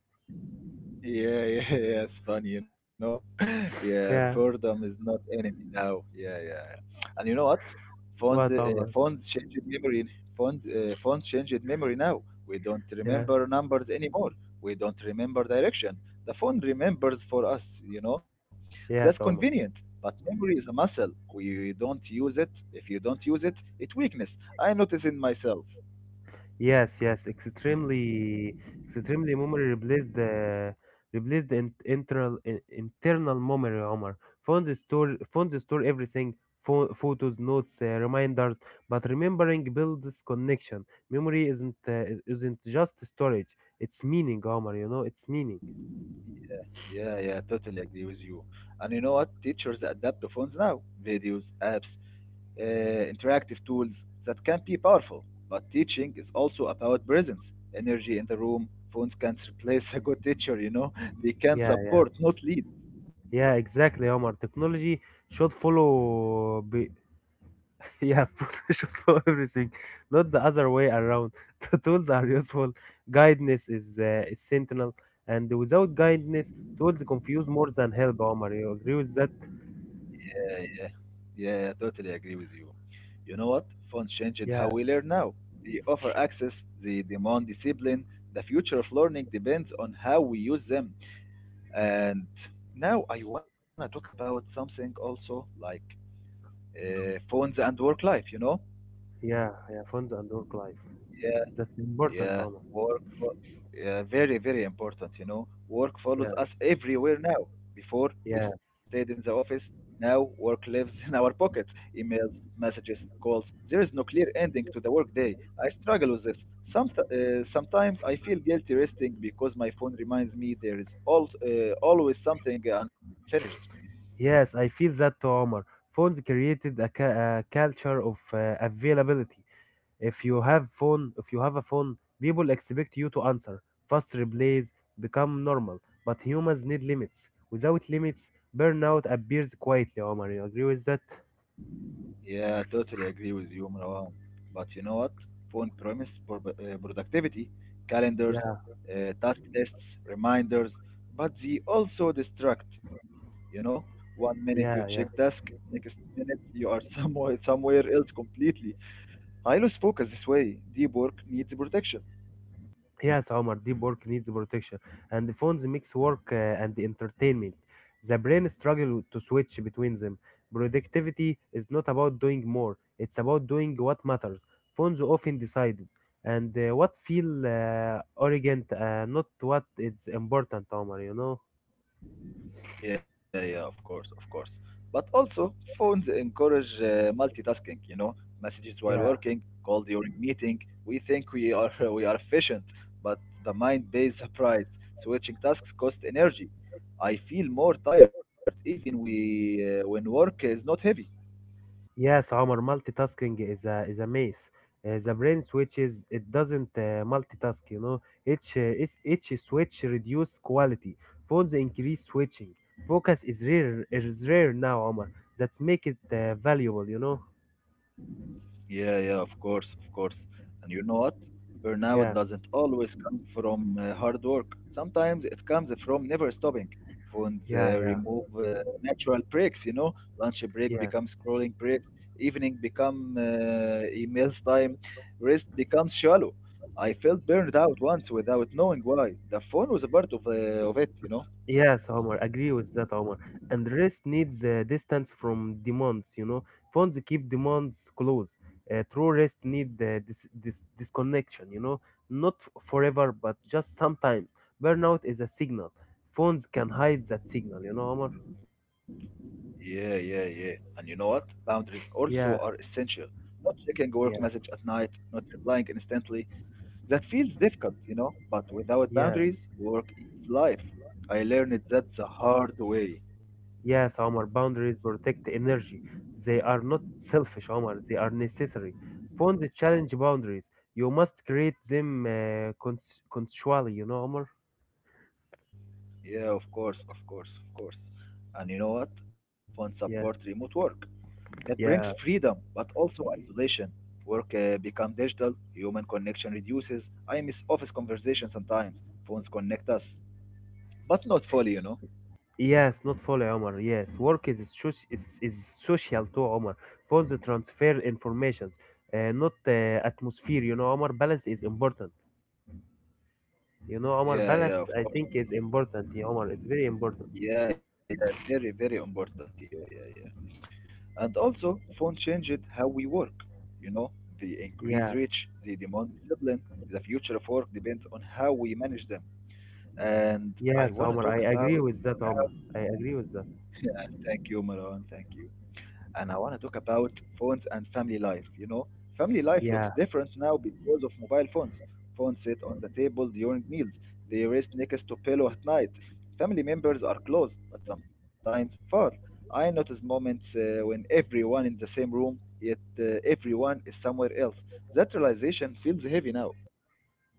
Speaker 1: Yeah, yeah, yeah, it's funny, you know. Yeah,
Speaker 2: Yeah.
Speaker 1: boredom is not enemy now. Yeah, yeah, yeah. And you know what? Phones,
Speaker 2: What,
Speaker 1: uh,
Speaker 2: Omar?
Speaker 1: phones changed memory. Phones, uh, phones changed memory now. We don't
Speaker 2: Yeah.
Speaker 1: remember numbers anymore. We don't remember direction. The phone remembers for us, you know. That's
Speaker 2: Yes, Omar.
Speaker 1: convenient, but memory is a muscle. We don't use it. If you don't use it, it weakness. I notice in myself.
Speaker 2: Yes, yes, extremely, extremely memory replaced the replaced the in- internal in- internal memory. Omar, phones store phones store everything, pho- photos, notes, uh, reminders. But remembering builds connection. Memory isn't uh, isn't just storage. It's meaning, Omar. You know, it's meaning.
Speaker 1: Yeah, yeah, yeah, totally agree with you. And you know what? Teachers adapt to phones now, videos, apps, uh, interactive tools that can be powerful. But teaching is also about presence, energy in the room. Phones can't replace a good teacher, you know? They can
Speaker 2: Yeah, yeah,
Speaker 1: support, not lead.
Speaker 2: yeah. Exactly, Omar. Technology should follow. Yeah, Photoshop for everything, not the other way around. The tools are useful. Guidance is, uh, is sentinel, and without guidance, tools confuse more than help. Omar, you agree with that?
Speaker 1: Yeah, yeah, yeah, totally agree with you. You know what? Phones changed how
Speaker 2: Yeah,
Speaker 1: we learn now. They offer access, they demand discipline. The future of learning depends on how we use them. And now I want to talk about something also like uh, phones and work life, you know?
Speaker 2: yeah, yeah. Phones and work life.
Speaker 1: Yeah,
Speaker 2: That's important,
Speaker 1: yeah,
Speaker 2: Omar.
Speaker 1: work, fo- yeah, very, very important, you know? Work
Speaker 2: Yes,
Speaker 1: follows us everywhere now. Before, we
Speaker 2: yes,
Speaker 1: stayed in the office. Now, work lives in our pockets emails, messages, calls. There is no clear ending to the workday. I struggle with this. Some uh, sometimes I feel guilty resting because my phone reminds me there is all, uh, always something unfinished.
Speaker 2: yes. I feel that, too, Omar. Phones created a, ca- a culture of uh, availability. If you have phone, if you have a phone, people expect you to answer. Fast replies become normal, but humans need limits. Without limits, burnout appears quietly. Omar, you agree with that?
Speaker 1: Yeah, I totally agree with you, Marwan. But you know what? Phone promise pro- uh, productivity, calendars,
Speaker 2: Yeah,
Speaker 1: uh, task lists, reminders, but they also distract. You know, one minute you check
Speaker 2: yeah, yeah.
Speaker 1: desk, next minute you are somewhere somewhere else completely. I lose focus this way. Deep work needs protection.
Speaker 2: Yes, Omar, deep work needs protection, and the phones mix work uh, and entertainment. The brain struggles to switch between them. Productivity is not about doing more; it's about doing what matters. Phones often decide, and uh, what feel uh, arrogant, uh, not what is important, Omar. You know?
Speaker 1: Yeah, yeah, of course, of course. But also, phones encourage uh, multitasking, you know, messages while
Speaker 2: Yeah.
Speaker 1: working, call during meeting. We think we are we are efficient, but the mind pays the price. Switching tasks cost energy. I feel more tired even we uh, when work is not heavy.
Speaker 2: Yes, Omar, multitasking is a is a maze. Uh, the brain switches; it doesn't uh, multitask. You know, each uh, is- each switch reduce quality. Phones increase switching. Focus is rare is rare now, Omar. That's make it uh, valuable. You know.
Speaker 1: Yeah, yeah, of course, of course. And you know what? Burnout
Speaker 2: Yeah,
Speaker 1: doesn't always come from uh, hard work. Sometimes it comes from never stopping. Phones
Speaker 2: yeah,
Speaker 1: uh,
Speaker 2: yeah,
Speaker 1: remove uh, natural breaks, you know. Lunch break
Speaker 2: yeah.
Speaker 1: becomes scrolling breaks. Evening become uh, emails time. Rest becomes shallow. I felt burned out once without knowing why. The phone was a part of, uh, of it, you know.
Speaker 2: Yes, Omar, agree with that, Omar. And rest needs uh, distance from demands, you know. Phones keep demands close. Uh, true rest need uh, this, this disconnection, you know. Not f- forever, but just sometimes. Burnout is a signal. Phones can hide that signal, you know, Omar.
Speaker 1: Yeah, yeah, yeah. And you know what? Boundaries also are
Speaker 2: Yeah,
Speaker 1: essential. Not checking work
Speaker 2: yeah,
Speaker 1: message at night, not replying instantly, that feels difficult, you know, but without
Speaker 2: yeah.
Speaker 1: boundaries, work is life. I learned that the hard way.
Speaker 2: Yes, Omar, boundaries protect energy. They are not selfish, Omar. They are necessary. Phones challenge boundaries. You must create them uh, cons- consensually, you know, Omar.
Speaker 1: Yeah, of course, of course, of course. And you know what? Phones support
Speaker 2: Yeah.
Speaker 1: remote work. That brings
Speaker 2: Yeah,
Speaker 1: freedom, but also isolation. Work uh, become digital, human connection reduces. I miss office conversations sometimes. Phones connect us, but not fully, you know.
Speaker 2: yes, not follow Omar. Yes, work is soci- is, is social too, Omar. Phones transfer informations, uh, not uh, atmosphere. You know, Omar, balance is important. You know, Omar,
Speaker 1: Yeah,
Speaker 2: balance I
Speaker 1: yeah, of
Speaker 2: think
Speaker 1: course.
Speaker 2: is important. Yeah, Omar, it's very important.
Speaker 1: Yeah, yeah, very, very important. Yeah, yeah, yeah. And also, phone changed how we work. You know, they increase
Speaker 2: Yeah,
Speaker 1: reach, they demand discipline. The future of work depends on how we manage them. And I
Speaker 2: yes,
Speaker 1: want to
Speaker 2: Omar, I
Speaker 1: talk about.
Speaker 2: agree with that,
Speaker 1: How.
Speaker 2: Omar. I agree with that.
Speaker 1: Thank you, Maran. Thank you, and I want to talk about phones and family life. You know, family life looks
Speaker 2: Yeah.
Speaker 1: different now because of mobile phones. Phones sit on the table during meals, they rest next to pillow at night. Family members are close, but sometimes far. I notice moments uh, when everyone in the same room, yet uh, everyone is somewhere else. That realization feels heavy now.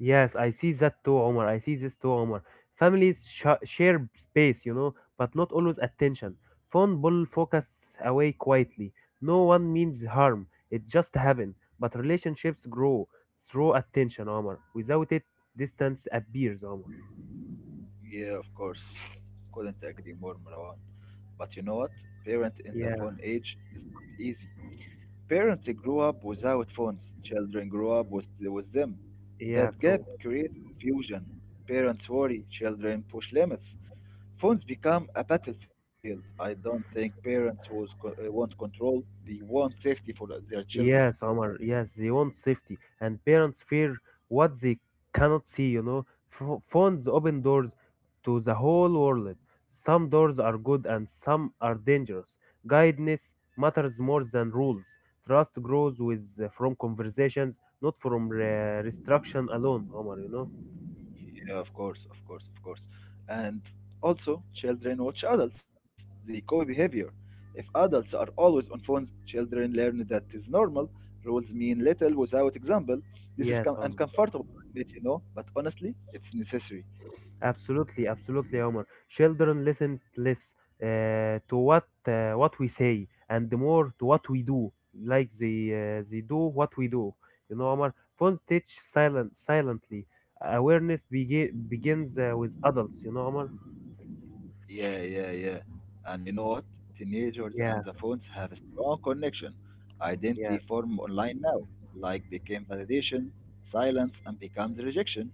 Speaker 2: Yes, I see that too, Omar. I see this too, Omar. Families sh share space, you know, but not always attention. Phone pull focus away quietly. No one means harm. It just happen. But relationships grow through attention, Omar. Without it, distance appears, Omar.
Speaker 1: Yeah, of course. Couldn't agree more, Marwan. But you know what? Parent in the
Speaker 2: Yeah,
Speaker 1: phone age is not easy. Parents grow up without phones, children grow up with, with them.
Speaker 2: yeah,
Speaker 1: That gap
Speaker 2: true.
Speaker 1: creates confusion. Parents worry, children push limits. Phones become a battlefield. I don't think parents was, co- uh, want control, they want safety for their children.
Speaker 2: Yes, Omar. Yes, they want safety, and parents fear what they cannot see. You know, Pho- phones open doors to the whole world. Some doors are good and some are dangerous. Guidance matters more than rules. Trust grows with uh, from conversations, not from uh, restriction alone, Omar. You know.
Speaker 1: Yeah, of course, of course, of course. And also, children watch adults. They copy behavior. If adults are always on phones, children learn that is normal. Rules mean little without example. This is
Speaker 2: Yes,
Speaker 1: com-
Speaker 2: Omar.
Speaker 1: uncomfortable to admit, you know, but honestly, it's necessary.
Speaker 2: Absolutely, absolutely, Omar. Children listen less uh, to what uh, what we say and more to what we do, like they uh, they do what we do. You know, Omar. Phones teach silent silently. Awareness begi- begins uh, with adults. You know, Omar.
Speaker 1: Yeah, yeah, yeah. And you know what? Teenagers
Speaker 2: Yeah,
Speaker 1: and the phones have a strong connection. Identity
Speaker 2: yeah.
Speaker 1: form online now. Like became validation, silence, and becomes rejection.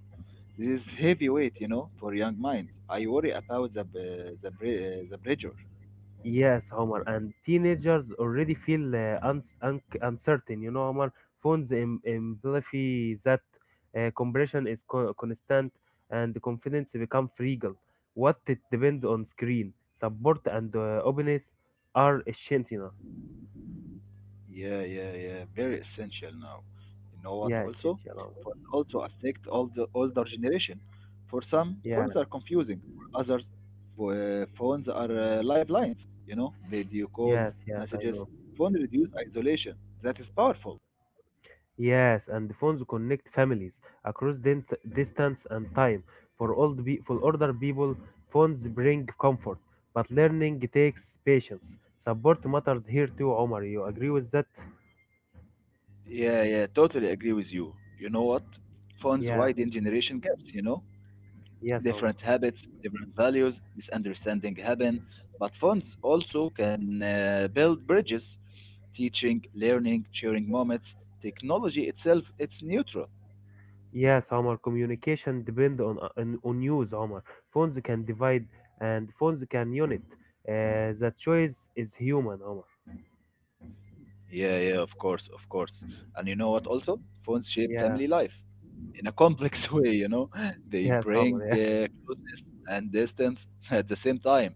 Speaker 1: This is heavy weight, you know, for young minds. I worry about the b- the bre- uh, the pressure.
Speaker 2: Yes, Omar, and teenagers already feel uh, uns un uncertain. You know, Omar, phones im amplify that uh, compression is co constant and the confidence become fragile. What it depend on screen, support and uh, openness are essential.
Speaker 1: Yeah, yeah, yeah. Very essential now. You know what?
Speaker 2: Yeah,
Speaker 1: Also,
Speaker 2: essential, Omar.
Speaker 1: phones also affect all the older generation. For some,
Speaker 2: Yeah,
Speaker 1: phones are confusing. For others, pho- uh, phones are uh, lifelines. You know, video
Speaker 2: yes,
Speaker 1: calls,
Speaker 2: yes, I
Speaker 1: messages.
Speaker 2: know.
Speaker 1: Phone reduce isolation. That is powerful.
Speaker 2: Yes, and the phones connect families across dent- distance and time. For old be- for older people, phones bring comfort, but learning takes patience. Support matters here too, Omar. You agree with that?
Speaker 1: Yeah, yeah. Totally agree with you. You know what? Phones
Speaker 2: Yeah,
Speaker 1: widen generation gaps. You know,
Speaker 2: yes, Omar.
Speaker 1: different habits, different values, misunderstanding happen, but phones also can uh, build bridges, teaching, learning, sharing moments. Technology itself, it's neutral.
Speaker 2: Yes, Omar. Communication depend on on, on use, Omar. Phones can divide, and phones can unite. Uh, the choice is human, Omar.
Speaker 1: Yeah, yeah, of course, of course. And you know what also? Phones shape
Speaker 2: Yeah,
Speaker 1: family life in a complex way, you know? They
Speaker 2: yes,
Speaker 1: bring
Speaker 2: Omar. Yeah,
Speaker 1: uh, closeness and distance at the same time.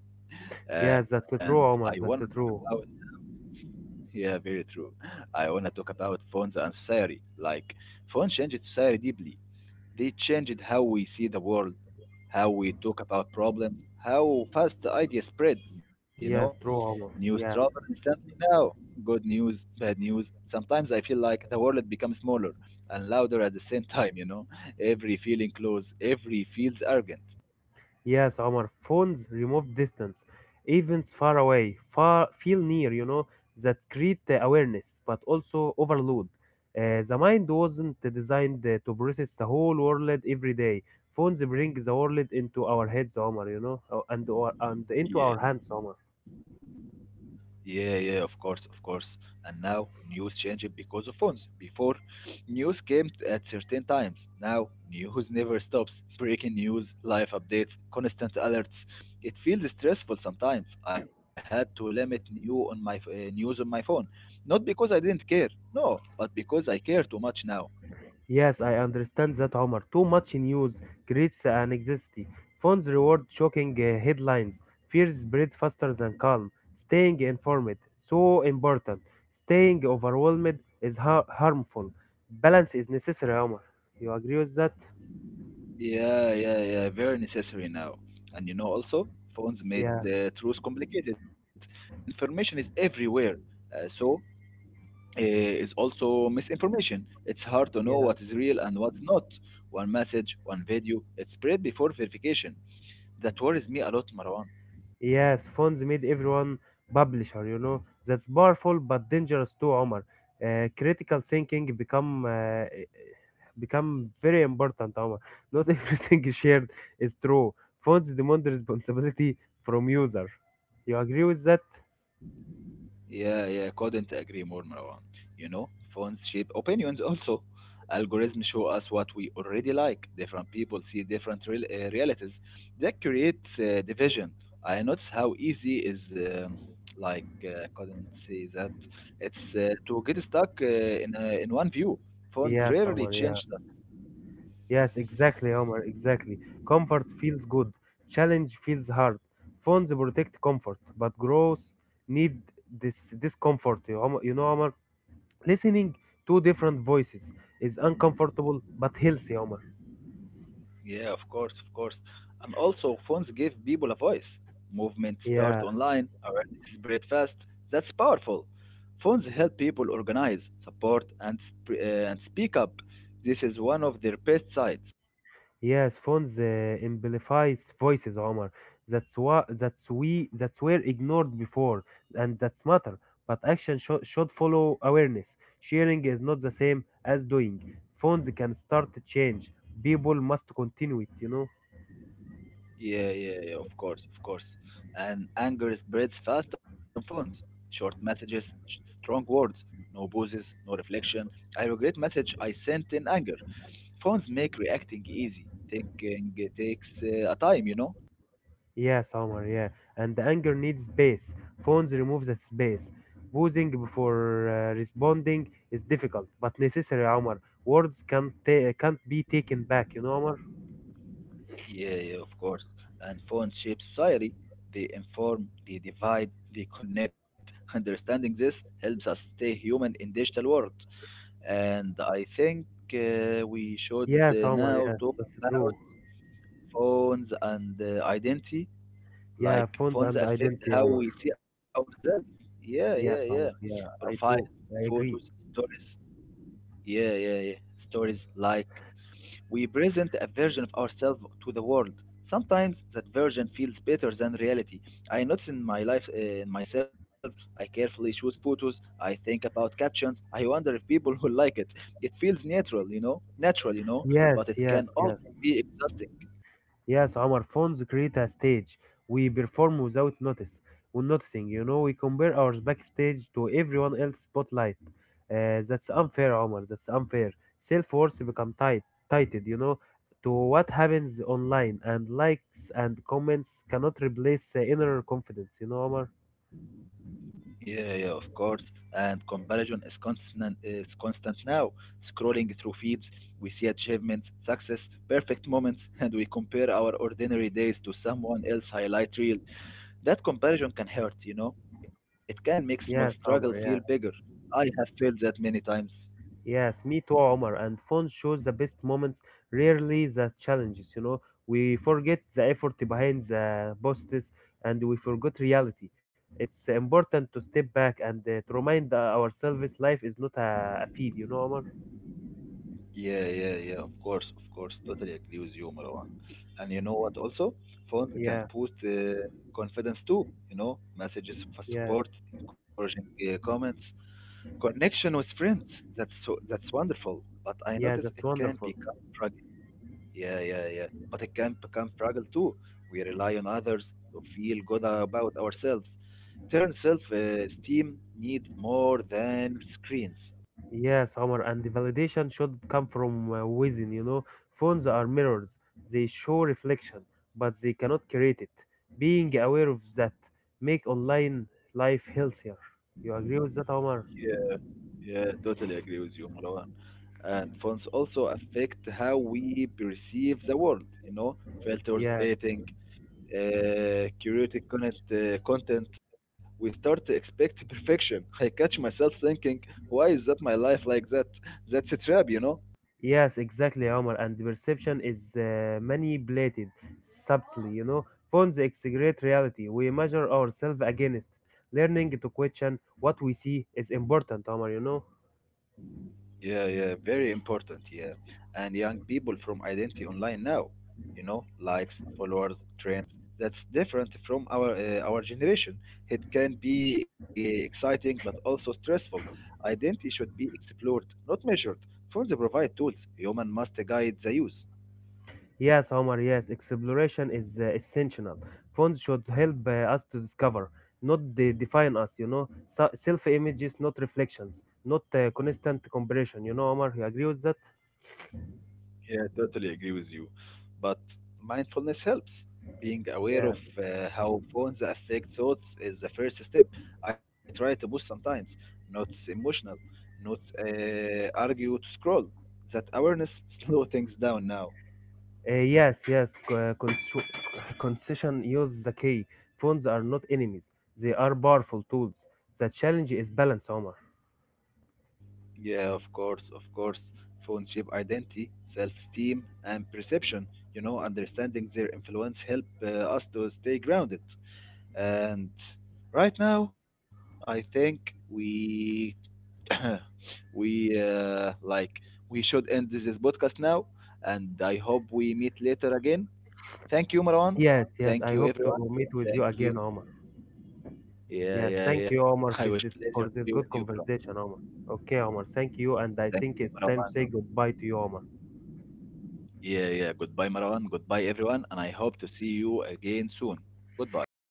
Speaker 2: yes, that's
Speaker 1: And I
Speaker 2: true,
Speaker 1: want
Speaker 2: Omar.
Speaker 1: to talk
Speaker 2: That's
Speaker 1: about,
Speaker 2: true.
Speaker 1: yeah, very true. I want to talk about phones and society. Like, phone changed society deeply. They changed how we see the world, how we talk about problems, how fast ideas spread, you know.
Speaker 2: Yes, true,
Speaker 1: News
Speaker 2: Omar.
Speaker 1: travel
Speaker 2: Yeah.
Speaker 1: instantly now. Good news, bad news. Sometimes I feel like the world becomes smaller and louder at the same time, you know. Every feeling close, every feels arrogant.
Speaker 2: Yes, our phones remove distance, events far away, far feel near. You know that create uh, awareness, but also overload. Uh, the mind wasn't designed uh, to process the whole world every day. Phones bring the world into our heads, Omar. You know, uh, and or, and into
Speaker 1: Yeah.
Speaker 2: our hands, Omar.
Speaker 1: Yeah, yeah, of course, of course. And now news changed because of phones. Before, news came t- at certain times. Now, news never stops. Breaking news, live updates, constant alerts. It feels stressful sometimes. I had to limit new on my f- uh, news on my phone, not because I didn't care, no, but because I care too much now.
Speaker 2: Yes, I understand that, Omar. Too much news creates an anxiety. Phones reward shocking uh, headlines. Fears spread faster than calm. Staying informed, so important. Staying overwhelmed is har- harmful. Balance is necessary, Omar. You agree with that?
Speaker 1: Yeah, yeah, yeah, very necessary now. And you know, also, phones made
Speaker 2: Yeah,
Speaker 1: the truth complicated. Information is everywhere. Uh, so eh, is also misinformation. It's hard to know
Speaker 2: yeah.
Speaker 1: what is real and what's not. One message, one video, it's spread before verification. That worries me a lot, Marwan.
Speaker 2: Yes, phones made everyone publisher, you know. That's powerful but dangerous too, Omar. Uh, critical thinking become uh, become very important, Omar. Not everything shared is true. Phones demand responsibility from user. You agree with that?
Speaker 1: Yeah, yeah, couldn't agree more, Marwan. You know, phones shape opinions also. Algorithms show us what we already like. Different people see different real, uh, realities. That creates uh, division. I notice how easy is, um like, uh, couldn't say that. It's uh, to get stuck uh, in uh, in one view. Phones
Speaker 2: Yes,
Speaker 1: rarely
Speaker 2: Omar, yeah.
Speaker 1: change that.
Speaker 2: Yes, exactly, Omar, exactly. Comfort feels good. Challenge feels hard. Phones protect comfort, but growth need this discomfort. You, Omar- you know, Omar? Listening to different voices is uncomfortable but healthy, Omar.
Speaker 1: Yeah, of course, of course. And also, phones give people a voice. Movement start
Speaker 2: Yeah,
Speaker 1: online, awareness spread fast. That's powerful. Phones help people organize, support, and sp- uh, and speak up. This is one of their best sides.
Speaker 2: yes, phones uh, amplifies voices, Omar. That's why that's we that's were ignored before, and that's matter. But action sho- should follow awareness. Sharing is not the same as doing. Phones can start a change. People must continue it. You know.
Speaker 1: Yeah, yeah, yeah. Of course, of course. And anger spreads fast on phones. Short messages, sh- strong words, no pauses, no reflection. I regret message I sent in anger. Phones make reacting easy. Thinking takes uh, a time, you know.
Speaker 2: Yes, Omar, yeah. And the anger needs space. Phones remove that space. Pausing before uh, responding is difficult, but necessary, Omar. Words can't, ta- can't be taken back, you know, Omar?
Speaker 1: Yeah, yeah, of course. And phones shape society. They inform, they divide, they connect. Understanding this helps us stay human in digital world. And I think uh, we should
Speaker 2: Yes,
Speaker 1: uh,
Speaker 2: Omar,
Speaker 1: now
Speaker 2: yes,
Speaker 1: talk
Speaker 2: that's
Speaker 1: about
Speaker 2: true.
Speaker 1: phones and uh, identity.
Speaker 2: Yeah,
Speaker 1: Like
Speaker 2: phones
Speaker 1: phones
Speaker 2: and
Speaker 1: affect
Speaker 2: identity,
Speaker 1: how
Speaker 2: Omar.
Speaker 1: we see ourselves. Yeah, yeah, yeah.
Speaker 2: Yes, Omar, yeah, I
Speaker 1: Profiles,
Speaker 2: true. I
Speaker 1: photos,
Speaker 2: agree.
Speaker 1: stories. Yeah, yeah, yeah. Stories like we present a version of ourselves to the world. Sometimes that version feels better than reality. I notice in my life, uh, in myself, I carefully choose photos, I think about captions, I wonder if people will like it. It feels natural, you know, natural, you know,
Speaker 2: Yes,
Speaker 1: but it
Speaker 2: yes,
Speaker 1: can
Speaker 2: yes.
Speaker 1: also be exhausting.
Speaker 2: Yes, our phones create a stage. We perform without notice. When noticing, you know, we compare our backstage to everyone else's spotlight. Uh, that's unfair, Omar. That's unfair. Self worth become tight, tighted, you know, to what happens online, and likes and comments cannot replace the inner confidence, you know, Omar.
Speaker 1: Yeah, yeah, of course. And comparison is constant, is constant now. Scrolling through feeds, we see achievements, success, perfect moments, and we compare our ordinary days to someone else's highlight reel. That comparison can hurt, you know? It can make small struggle
Speaker 2: Yes,
Speaker 1: feel
Speaker 2: Omar.
Speaker 1: bigger.
Speaker 2: Yeah.
Speaker 1: I have felt that many times.
Speaker 2: Yes, me too, Omar. And phone shows the best moments, rarely the challenges. You know, we forget the effort behind the posts, and we forget reality. It's important to step back and uh, to remind uh, ourselves life is not a, a feed. You know, Omar.
Speaker 1: Yeah, yeah, yeah, of course, of course. Totally agree with you, Marwan. And you know what also? Phones can
Speaker 2: Yeah,
Speaker 1: boost uh, confidence too, you know, messages for
Speaker 2: yeah,
Speaker 1: support, encouraging uh, comments, connection with friends. That's so, that's wonderful. But I
Speaker 2: yeah.
Speaker 1: notice it
Speaker 2: That's
Speaker 1: can
Speaker 2: wonderful.
Speaker 1: become fragile. Yeah, yeah, yeah. But it can become fragile too. We rely on others to feel good about ourselves. Turn self esteem needs more than screens.
Speaker 2: Yes, Omar, and the validation should come from uh, within, you know. Phones are mirrors, they show reflection, but they cannot create it. Being aware of that make online life healthier. You agree with that, Omar?
Speaker 1: Yeah, yeah, totally agree with you, Marwan. And phones also affect how we perceive the world, you know, filters,
Speaker 2: Yeah.
Speaker 1: editing, uh, curated content, uh, content. We start to expect perfection. I catch myself thinking, why is that my life like that? That's a trap, you know?
Speaker 2: Yes, exactly, Omar. And the perception is uh, manipulated subtly, you know. Phones exaggerate reality. We measure ourselves against. Learning to question what we see is important, Omar, you know.
Speaker 1: Yeah, yeah, very important. Yeah. And young people from identity online now, you know, likes, followers, trends. That's different from our uh, our generation. It can be uh, exciting but also stressful. Identity should be explored, not measured. Phones provide tools. Human must guide the use.
Speaker 2: Yes, Omar, yes, exploration is uh, essential. Phones should help uh, us to discover, not de- define us, you know. So- Self images, not reflections, not uh, constant comparison, you know, Omar. You agree with that?
Speaker 1: Yeah, totally agree with you. But mindfulness helps. Being aware
Speaker 2: Yeah.
Speaker 1: of uh, how phones affect thoughts is the first step. I try to push sometimes, not emotional, not uh, argue to scroll. That awareness slow things down now.
Speaker 2: Uh, yes, yes. c- Uh, cons- Concession use the key. Phones are not enemies, they are powerful tools. The challenge is balance, Omar.
Speaker 1: Yeah, of course, of course. Phone shape identity, self-esteem, and perception. You know, understanding their influence help uh, us to stay grounded. And right now, I think we we uh, like we should end this podcast now, and I hope we meet later again. Thank you, Marwan.
Speaker 2: Yes, yes.
Speaker 1: Thank
Speaker 2: I
Speaker 1: you
Speaker 2: hope to
Speaker 1: everyone.
Speaker 2: meet with you
Speaker 1: Thank
Speaker 2: again,
Speaker 1: you.
Speaker 2: Omar.
Speaker 1: Yeah,
Speaker 2: Yes,
Speaker 1: yeah,
Speaker 2: thank
Speaker 1: yeah.
Speaker 2: you,
Speaker 1: I was
Speaker 2: Omar, for
Speaker 1: pleasure
Speaker 2: this
Speaker 1: to be
Speaker 2: for
Speaker 1: with
Speaker 2: this
Speaker 1: you,
Speaker 2: good
Speaker 1: Marwan.
Speaker 2: conversation, Omar. Okay, Omar, thank you,
Speaker 1: Thank
Speaker 2: and I
Speaker 1: you,
Speaker 2: think it's
Speaker 1: Marwan.
Speaker 2: time to say goodbye to you, Omar.
Speaker 1: Yeah, yeah, goodbye Marwan, goodbye everyone, and I hope to see you again soon. Goodbye.